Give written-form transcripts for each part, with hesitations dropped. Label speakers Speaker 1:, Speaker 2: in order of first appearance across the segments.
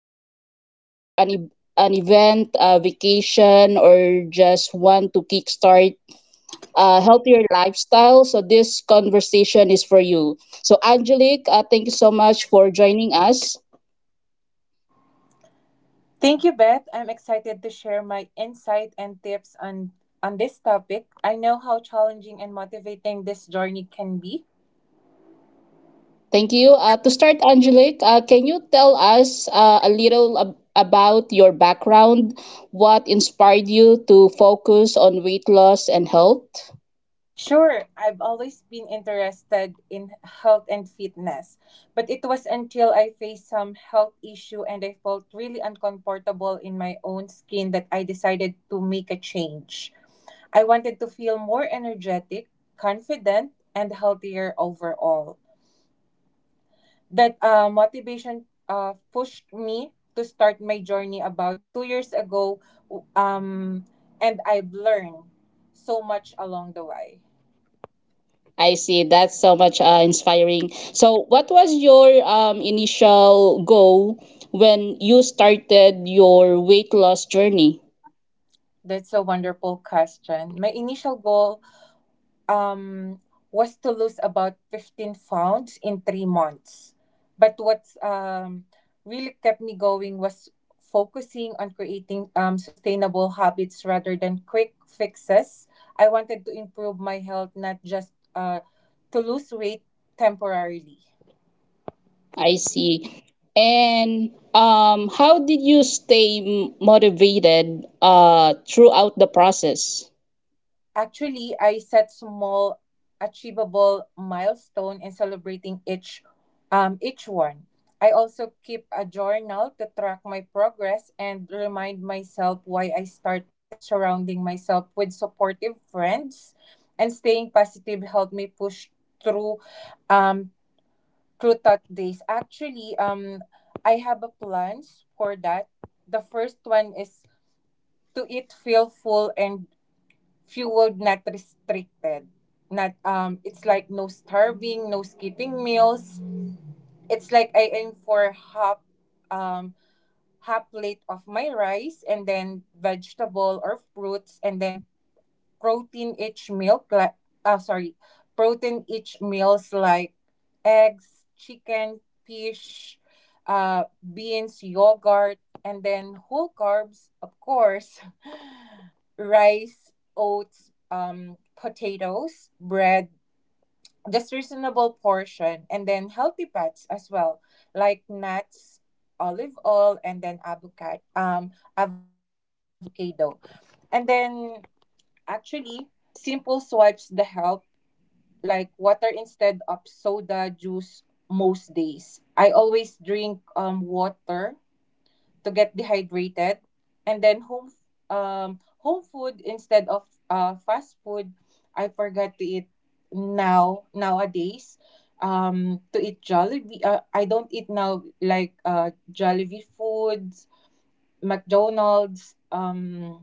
Speaker 1: Preparing for an event, a vacation, or just want to kickstart a healthier lifestyle. So this conversation is for you. So Angelique, thank you so much for joining us.
Speaker 2: Thank you, Beth. I'm excited to share my insight and tips on this topic. I know how challenging and motivating this journey can be.
Speaker 1: Thank you. To start, Angelique, can you tell us a little about your background? What inspired you to focus on weight loss and health?
Speaker 2: Sure, I've always been interested in health and fitness, but it was until I faced some health issue and I felt really uncomfortable in my own skin that I decided to make a change. I wanted to feel more energetic, confident, and healthier overall. That motivation pushed me to start my journey about 2 years ago, um, and I've learned so much along the way.
Speaker 1: I see. That's so much inspiring. So, what was your initial goal when you started your weight loss journey?
Speaker 2: That's a wonderful question. My initial goal um, was to lose about 15 pounds in 3 months. But what's really kept me going was focusing on creating sustainable habits rather than quick fixes. I wanted to improve my health, not just to lose weight temporarily.
Speaker 1: I see. And how did you stay motivated throughout the process?
Speaker 2: Actually, I set small achievable milestone in celebrating each one. I also keep a journal to track my progress and remind myself why I started surrounding myself with supportive friends and staying positive helped me push through um through tough days. Actually, I have a plans for that. The first one is to eat feel full and fueled not restricted not. It's like no starving, no skipping meals. It's like I aim for um half plate of my rice, and then vegetable or fruits, and then protein each milk like uh, sorry protein each meals like eggs, chicken, fish, beans, yogurt, and then whole carbs, of course. Rice, oats, potatoes, bread, just reasonable portion. And then healthy fats as well, like nuts, olive oil, and then avocado. And then actually, simple swipes the help, like water instead of soda juice most days. I always drink water to get dehydrated, and then home food instead of fast food. I forgot to eat now nowadays to eat Jollibee. I don't eat now, like Jollibee foods, McDonald's, um,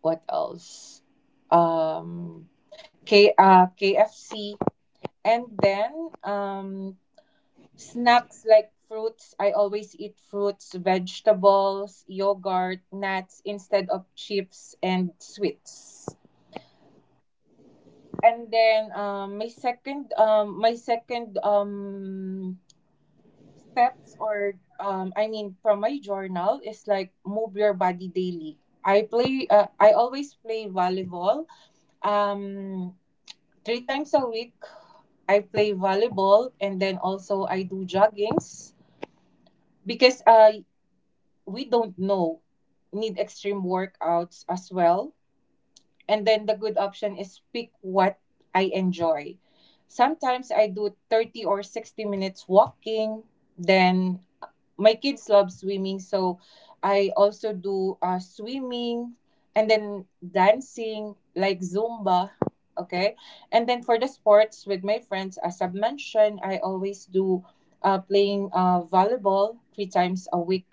Speaker 2: what else? Um K KFC, and then um snacks like fruits. I always eat fruits, vegetables, yogurt, nuts instead of chips and sweets. And then my second steps, or I mean from my journal, is like move your body daily. I always play volleyball. Um Three times a week, I play volleyball, and then also I do joggings because we don't know need extreme workouts as well. And then the good option is pick what I enjoy. Sometimes I do 30 or 60 minutes walking, then my kids love swimming, so I also do swimming, and then dancing like Zumba. Okay. And then for the sports with my friends, as I've mentioned, I always do playing volleyball 3 times a week.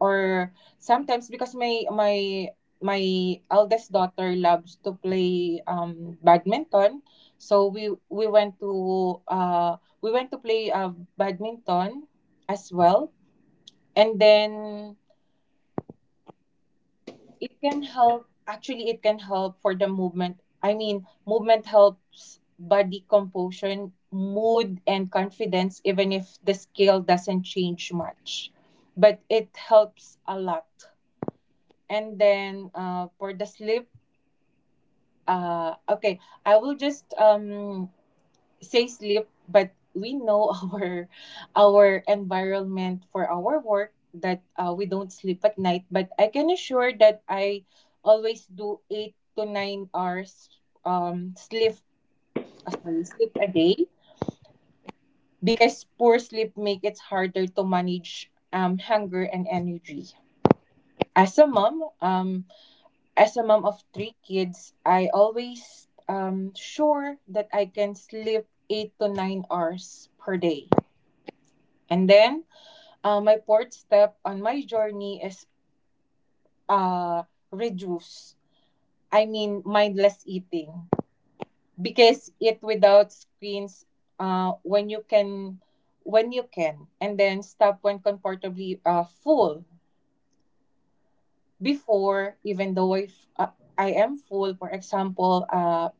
Speaker 2: Or sometimes, because my eldest daughter loves to play badminton, so we went to play badminton as well. And then it can help, actually. It can help for the movement I mean movement Helps body composition, mood, and confidence, even if the scale doesn't change much, but it helps a lot. And then for the sleep, okay I will just say sleep. But we know our environment for our work, that we don't sleep at night. But I can assure that I always do 8 to 9 hours sleep, sleep a day, because poor sleep make it harder to manage hunger and energy. As a mom, um as a mom of 3 kids, I always sure that I can sleep 8 to 9 hours per day. And then, my fourth step on my journey is uh, reduce. I mean, mindless eating. Because it without screens, uh, when you can, when you can, and then stop when comfortably full. Before, even though if, I am full, for example, uh,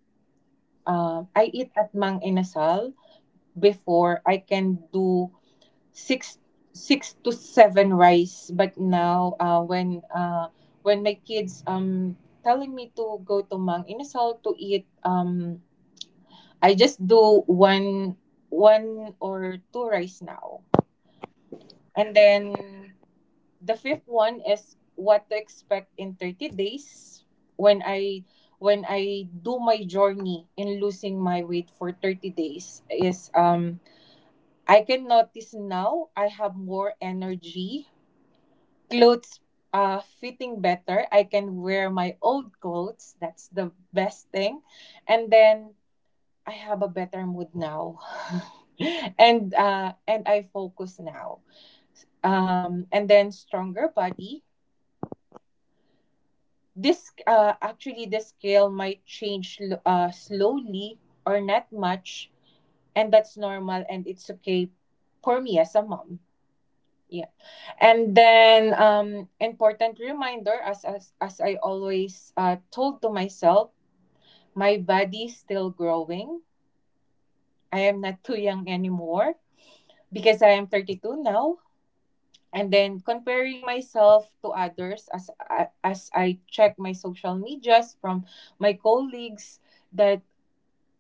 Speaker 2: uh, I eat at Mang Inasal, before I can do six six to seven rice. But now when my kids telling me to go to Mang Inasal to eat, I just do one or two rice now. And then the fifth one is what to expect in 30 days. when I when I do my journey in losing my weight for 30 days, is I can notice now I have more energy, clothes fitting better. I can wear my old clothes. That's the best thing. And then I have a better mood now. And I focus now. And then stronger body. This Actually, the scale might change slowly or not much, and that's normal, and it's okay for me as a mom. Yeah. And then important reminder, as I always told to myself, my body's still growing. I am not too young anymore, because I am 32 now. And then comparing myself to others, as I check my social medias from my colleagues, that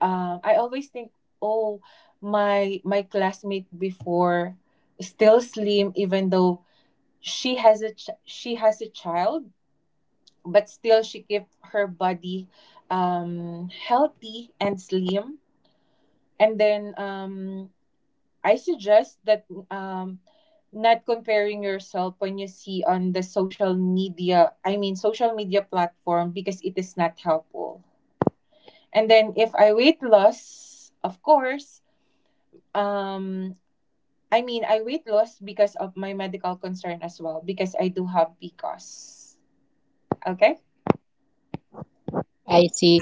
Speaker 2: I always think, "Oh, my classmate before is still slim, even though she has a child, but still she kept her body healthy and slim." And then I suggest that not comparing yourself when you see on the social media platform, because it is not helpful. And then if I weight loss, of course, um I weight loss because of my medical concern as well, because I do have PCOS. Okay.
Speaker 1: I see.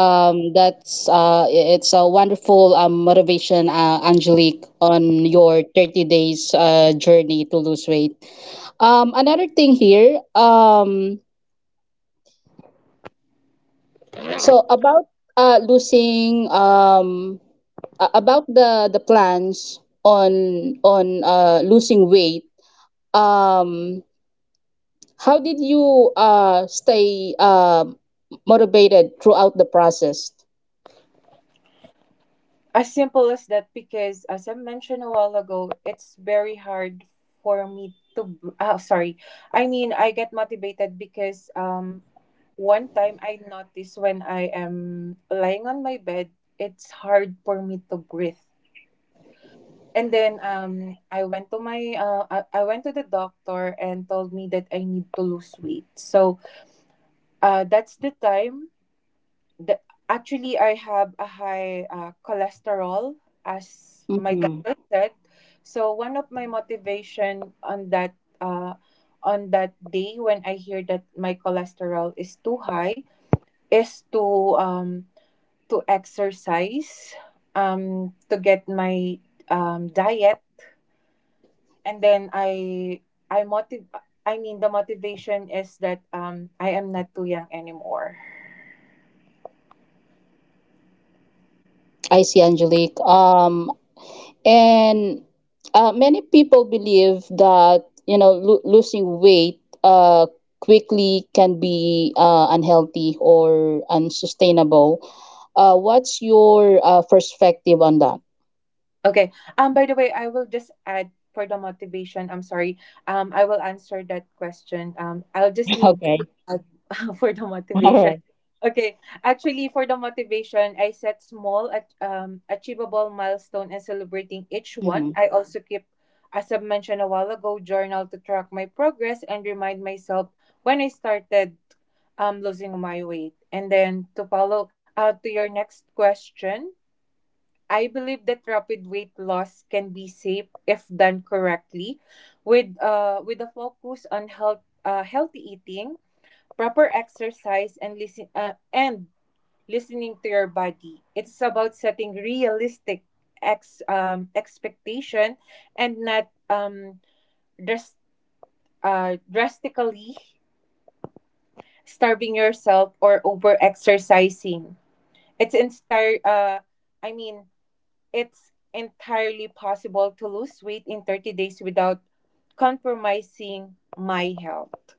Speaker 1: Um, it's a wonderful motivation, Angelique, on your 30 days journey to lose weight. Another thing here, so about losing about the plans on losing weight. Um, How did you stay motivated throughout the process?
Speaker 2: As simple as that, because as I mentioned a while ago, it's very hard for me to. Oh, sorry. I mean, I get motivated because one time I noticed when I am lying on my bed, it's hard for me to breathe. And then I went to the doctor and told me that I need to lose weight. So that's the time the, actually, I have a high cholesterol, as my
Speaker 1: hmm
Speaker 2: doctor said. So one of my motivation uh, on that day when I hear that my cholesterol is too high is to exercise, to get my diet, and then I motiv- I mean the motivation is that I am not too young anymore.
Speaker 1: I see, Angelique. And many people believe that you know losing weight uh, quickly can be unhealthy or unsustainable. What's your perspective on that?
Speaker 2: Okay. By the way, I will just add for the motivation. I'm sorry. I will answer that question. I'll just need
Speaker 1: Okay.
Speaker 2: uh, for the
Speaker 1: All
Speaker 2: motivation.
Speaker 1: right.
Speaker 2: Okay. Actually, for the motivation, I set small, achievable milestone and celebrating each one. I also keep, as I mentioned a while ago, journal to track my progress and remind myself when I started losing my weight. And then to follow to your next question, I believe that rapid weight loss can be safe if done correctly, with with a focus on healthy eating, proper exercise, and listening to your body. It's about setting realistic ex expectation and not dras- drastically starving yourself or over exercising. It's entire uh I mean it's entirely possible to lose weight in 30 days without compromising my health.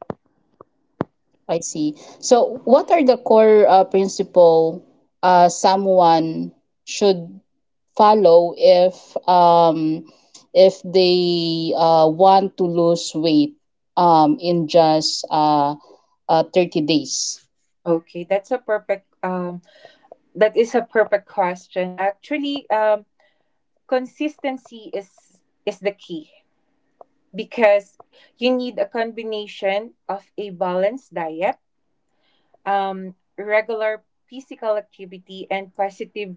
Speaker 1: I see. So, what are the core principle someone should follow if they want to lose weight in just 30?
Speaker 2: Okay, that's a perfect that is a perfect question. Actually, consistency is the key, because you need a combination of a balanced diet, regular physical activity, and positive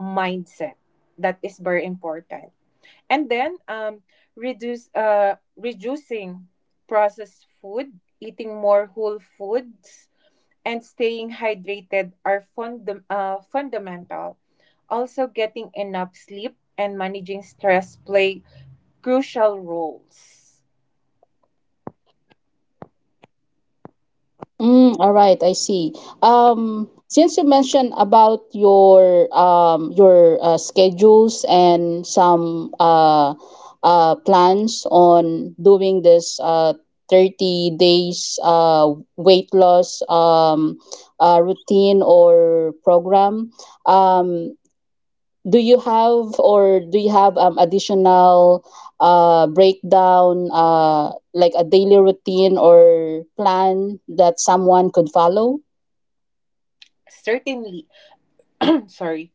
Speaker 2: mindset. That is very important. And then reduce reducing processed food, eating more whole foods, and staying hydrated are fundamental. Also getting enough sleep and managing stress play crucial roles.
Speaker 1: Mm, all right, I see. Since you mentioned about your schedules and some plans on doing this 30 days weight loss routine or program. Um, do you have or do you have additional breakdown, like a daily routine or plan that someone could follow?
Speaker 2: Certainly. Sorry.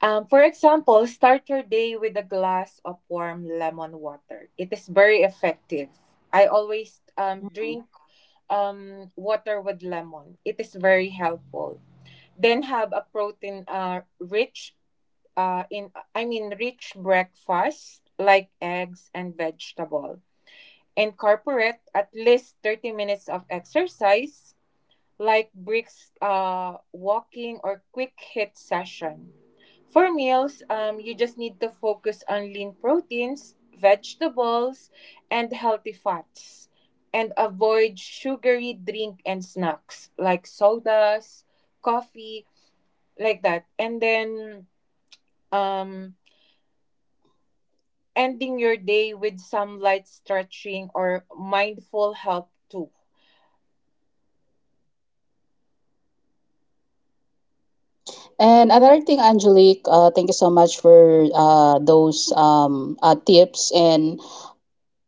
Speaker 2: For example, start your day with a glass of warm lemon water. It is very effective. I always
Speaker 1: Mm.
Speaker 2: drink water with lemon. It is very helpful. Then have a protein rich in I mean rich breakfast like eggs and vegetable. Incorporate at least 30 minutes of exercise like bricks walking or quick hit session. For meals, you just need to focus on lean proteins, vegetables, and healthy fats. And avoid sugary drink and snacks like sodas, coffee, like that. And then um ending your day with some light stretching or mindful help too.
Speaker 1: And another thing, Angelique, thank you so much for those tips. And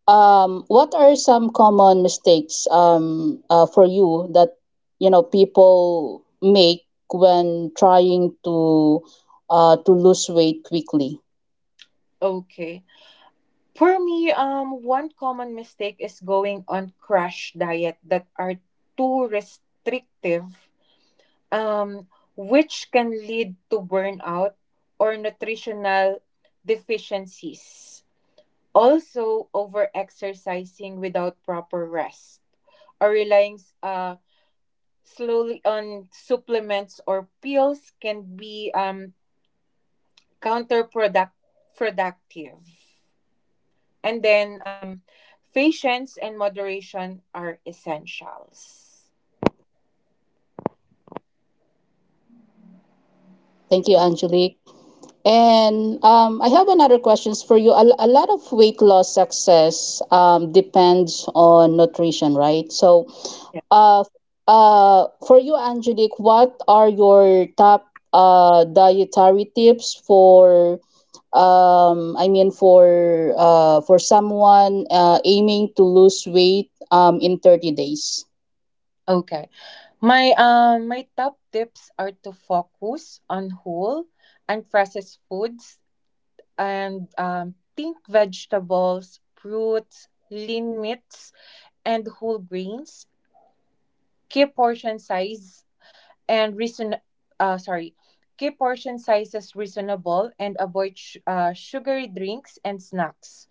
Speaker 1: what are some common mistakes for you that you know people make when trying to lose weight quickly?
Speaker 2: Okay. For me, one common mistake is going on crash diet that are too restrictive, um, which can lead to burnout or nutritional deficiencies. Also over exercising without proper rest or relying uh, slowly on supplements or pills can be counterproductive productive. And then patience and moderation are essentials.
Speaker 1: Thank you, Angelique. And I have another questions for you. A lot of weight loss success depends on nutrition, right? So,
Speaker 2: Yeah.
Speaker 1: uh, for you, Angelique, what are your top dietary tips for, I mean, for someone aiming to lose weight in 30 days?
Speaker 2: Okay, my top tips are to focus on whole and processed foods and think vegetables, fruits, lean meats, and whole grains. Keep portion size and reason. Sorry, keep portion sizes reasonable and avoid sugary drinks and snacks.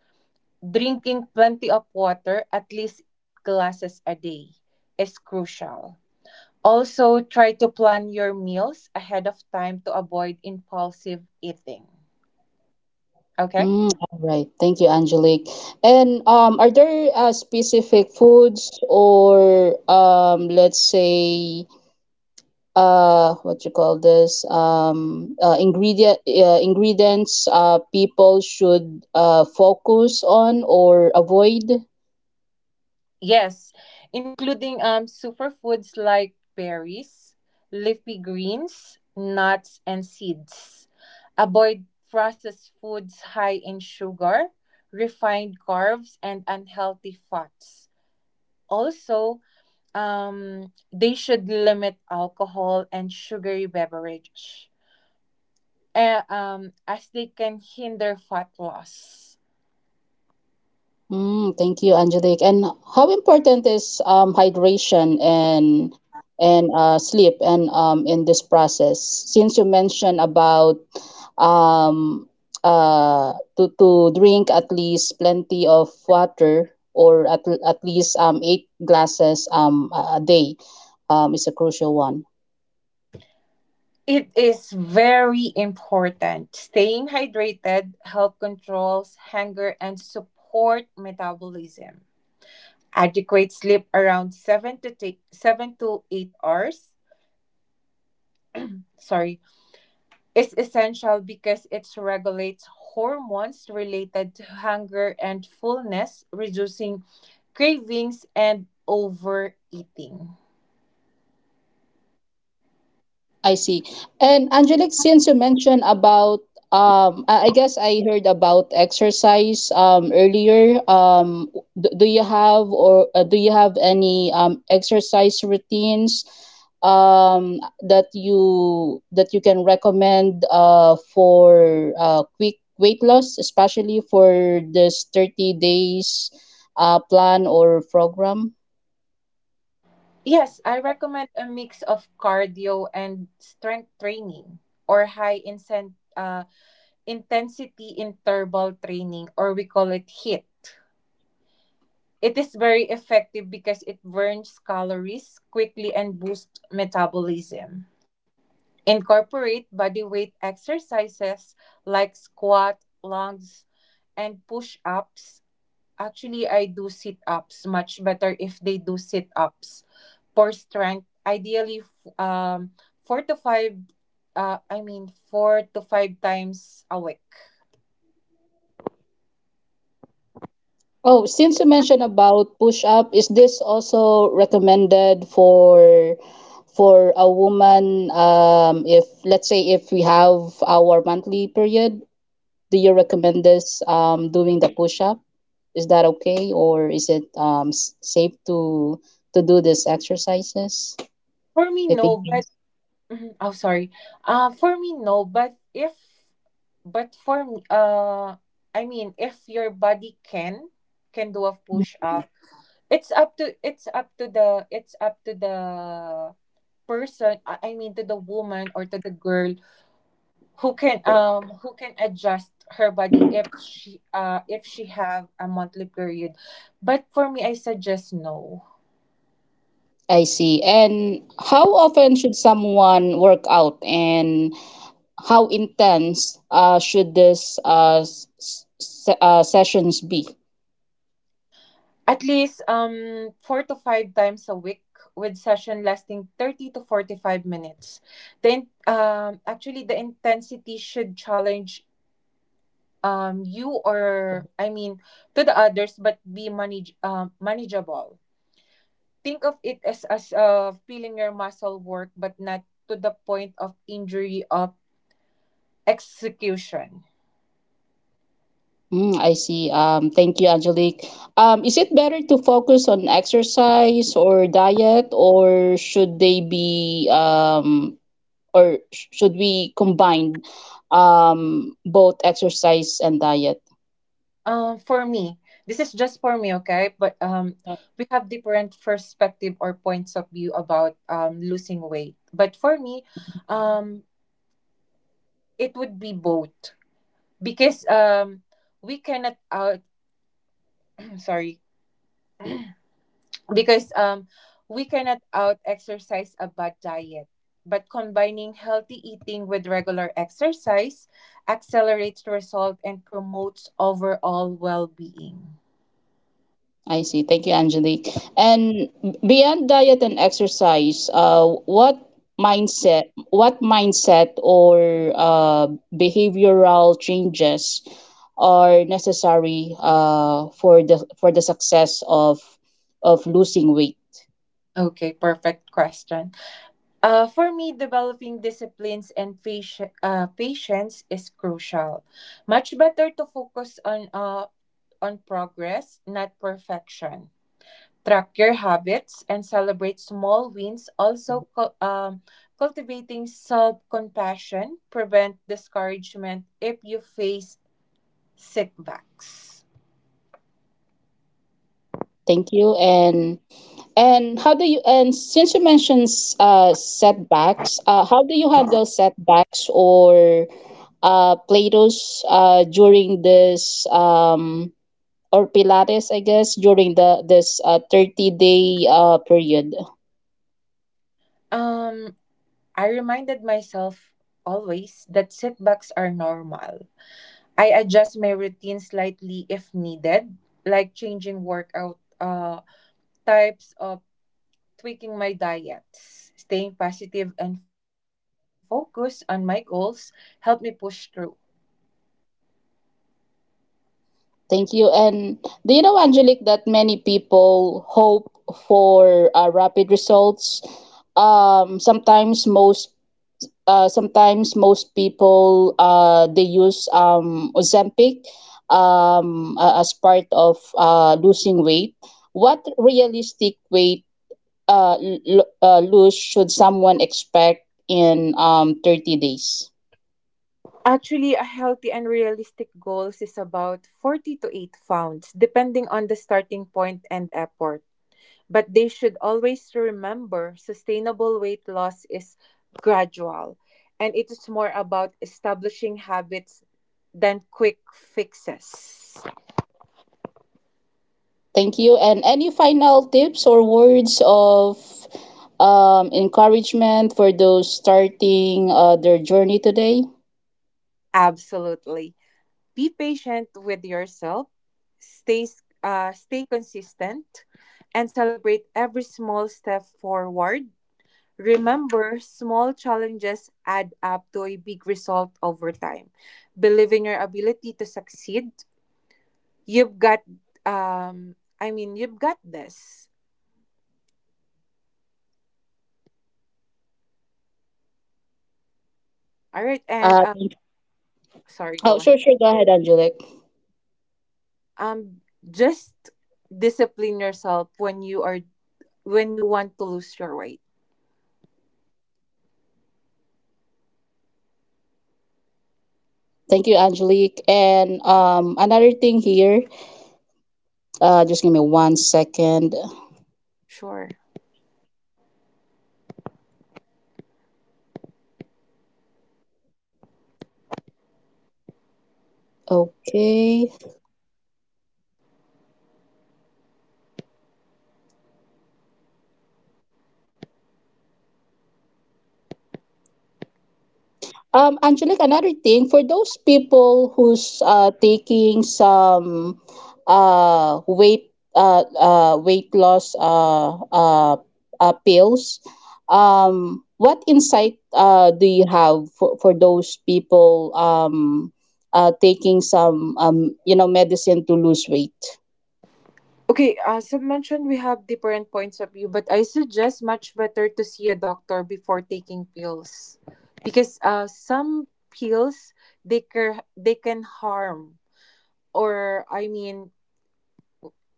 Speaker 2: Drinking plenty of water, at least 8 glasses a day, is crucial. Also, try to plan your meals ahead of time to avoid impulsive eating. Okay.
Speaker 1: Mm, all right. Thank you, Angelique. And are there specific foods or let's say what you call this ingredients people should focus on or avoid?
Speaker 2: Yes, including superfoods like berries, leafy greens, nuts and seeds. Avoid processed foods high in sugar, refined carbs and unhealthy fats. Also, they should limit alcohol and sugary beverage, as they can hinder fat loss.
Speaker 1: Mm, thank you, Angelique. And how important is hydration and sleep and in this process? Since you mentioned about um, to drink at least plenty of water or at least eight glasses a day is a crucial one.
Speaker 2: It is very important. Staying hydrated help controls hunger and support metabolism. Adequate sleep around 7 to 7 to 8 hours, sorry, is essential because it regulates hormones related to hunger and fullness, reducing cravings and overeating.
Speaker 1: I see. And Angelique, since you mentioned about I guess I heard about exercise earlier. Do you have or do you have any exercise routines that you can recommend for quick weight loss, especially for this 30 days plan or program?
Speaker 2: Yes, I recommend a mix of cardio and strength training or high incentive intensity interval training, or we call it HIIT. It is very effective because it burns calories quickly and boosts metabolism. Incorporate body weight exercises like squat, lunges, and push ups. Actually, I do sit ups, much better if they do sit ups for strength. Ideally, four to five, four to five times a week.
Speaker 1: Oh, since you mentioned about push up, is this also recommended for a woman if let's say if we have our monthly period, do you recommend this doing the push up? Is that okay or is it safe to do these exercises
Speaker 2: For me,
Speaker 1: if in
Speaker 2: no.
Speaker 1: case?
Speaker 2: Mhm. Oh, sorry. For me, no. But if, but for me, if your body can do a push
Speaker 1: Mhm.
Speaker 2: up, it's up to the it's up to the person. I mean, to the woman or to the girl who can adjust her body if she have a monthly period. But for me, I suggest no.
Speaker 1: I see. And how often should someone work out and how intense should this s- s- se- sessions be?
Speaker 2: At least four to five times a week with session lasting 30 to 45 minutes. Then actually the intensity should challenge you or I mean to the others but be manageable. Think of it as feeling your muscle work but not to the point of injury of execution.
Speaker 1: Mm, I see. Thank you, Angelique. Is it better to focus on exercise or diet, or should they be um, should we combine both exercise and diet?
Speaker 2: For me, this is just for me, okay? But we have different perspective or points of view about losing weight. But for me, um, it would be both because we cannot out sorry because we cannot out exercise a bad diet. But combining healthy eating with regular exercise accelerates the result and promotes overall well being.
Speaker 1: I see. Thank you, Angelique. And beyond diet and exercise, what mindset, mindset or behavioral changes are necessary for the success of losing weight?
Speaker 2: Okay, perfect question. For me, developing disciplines and patience is crucial. Much better to focus on progress, not perfection. Track your habits and celebrate small wins. Also, cultivating self compassion, prevent discouragement if you face setbacks.
Speaker 1: Thank you. And how do you and since you mentioned setbacks, how do you handle setbacks or Plato's during this or Pilates, I guess, during the this 30 day period.
Speaker 2: Um, I reminded myself always that setbacks are normal. I adjust my routine slightly if needed, like changing workout types of tweaking my diets. Staying positive and focused on my goals help me push through.
Speaker 1: Thank you. And do you know, Angelique, that many people hope for rapid results? Um, sometimes most sometimes most people they use Ozempic as part of losing weight. What realistic weight lose should someone expect in 30 days?
Speaker 2: Actually, a healthy and realistic goals is about 40 to 8 pounds, depending on the starting point and effort. But they should always remember sustainable weight loss is gradual, and it is more about establishing habits than quick fixes.
Speaker 1: Thank you. And any final tips or words of encouragement for those starting their journey today?
Speaker 2: Absolutely. Be patient with yourself, stay, stay consistent, and celebrate every small step forward. Remember, small challenges add up to a big result over time. Believe in your ability to succeed. You've got, you've got this. All right, and
Speaker 1: Uh, thank-
Speaker 2: sorry,
Speaker 1: oh,
Speaker 2: go ahead.
Speaker 1: sure, sure. Go ahead, Angelique.
Speaker 2: Um, just discipline yourself when you are when you want to lose your weight.
Speaker 1: Thank you, Angelique. And another thing here, just give me one second.
Speaker 2: Sure.
Speaker 1: Okay.
Speaker 2: Okay, as I mentioned, we have different points of view, but I suggest much better to see a doctor before taking pills, because some pills they can harm, or I mean,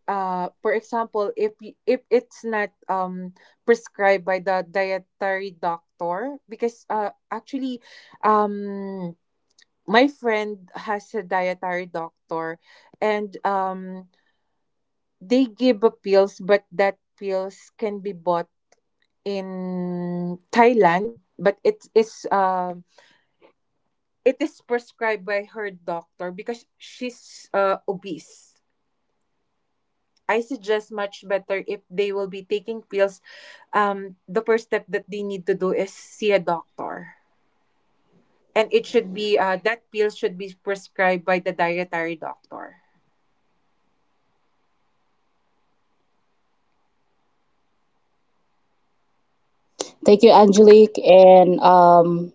Speaker 2: for example, if it's not prescribed by the dietary doctor, because actually, um my friend has a dietary doctor, and they give appeals, but that pills can be bought in Thailand. But it is prescribed by her doctor because she's obese. I suggest much better if they will be taking pills. The first step that they need to do is see a doctor, and it should be that pill should be prescribed by the dietary doctor.
Speaker 1: Thank you, Angelique. And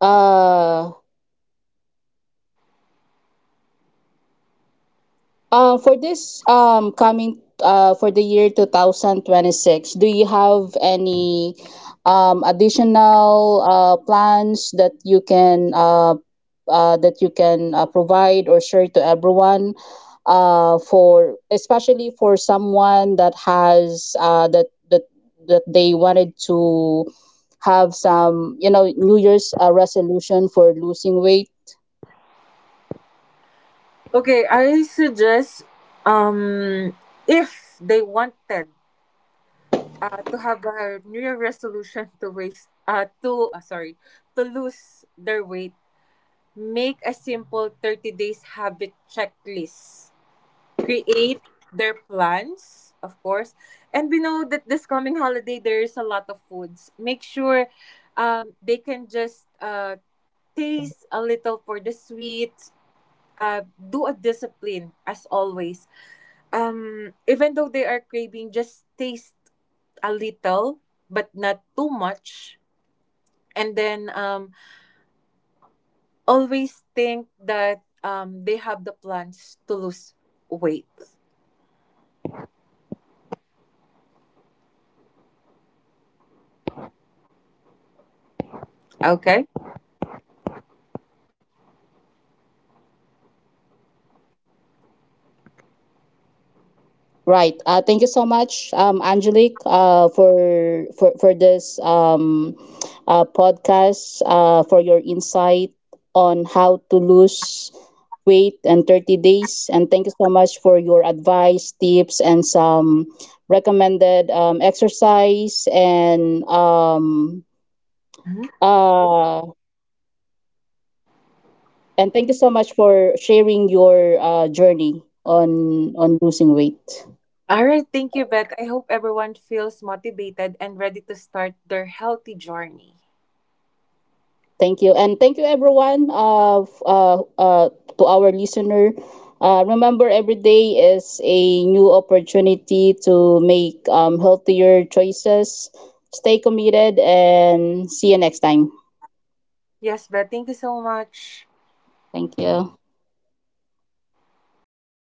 Speaker 1: uh, for this coming for the year 2026, do you have any additional plans that you can provide or share to everyone for especially for someone that has that they wanted to have some you know New Year's resolution for losing weight.
Speaker 2: Okay, I suggest um if they wanted to have a new year resolution to waste to sorry to lose their weight, make a simple 30 days habit checklist, create their plans, of course. And we know that this coming holiday there is a lot of foods. Make sure they can just taste a little for the sweet. Do a discipline as always. Even though they are craving, just taste a little, but not too much. And then always think that they have the plans to lose weight. Okay.
Speaker 1: Right. Thank you so much, Angelique, uh, for this podcast, for your insight on how to lose weight in 30 days. And thank you so much for your advice, tips, and some recommended exercise. Uh, and thank you so much for sharing your journey on losing weight.
Speaker 2: All right, thank you, Beth. I hope everyone feels motivated and ready to start their healthy journey.
Speaker 1: Thank you. And thank you, everyone, to our listener. Remember, every day is a new opportunity to make healthier choices. Stay committed and see you next time.
Speaker 2: Yes, Beth, thank you so much.
Speaker 1: Thank you.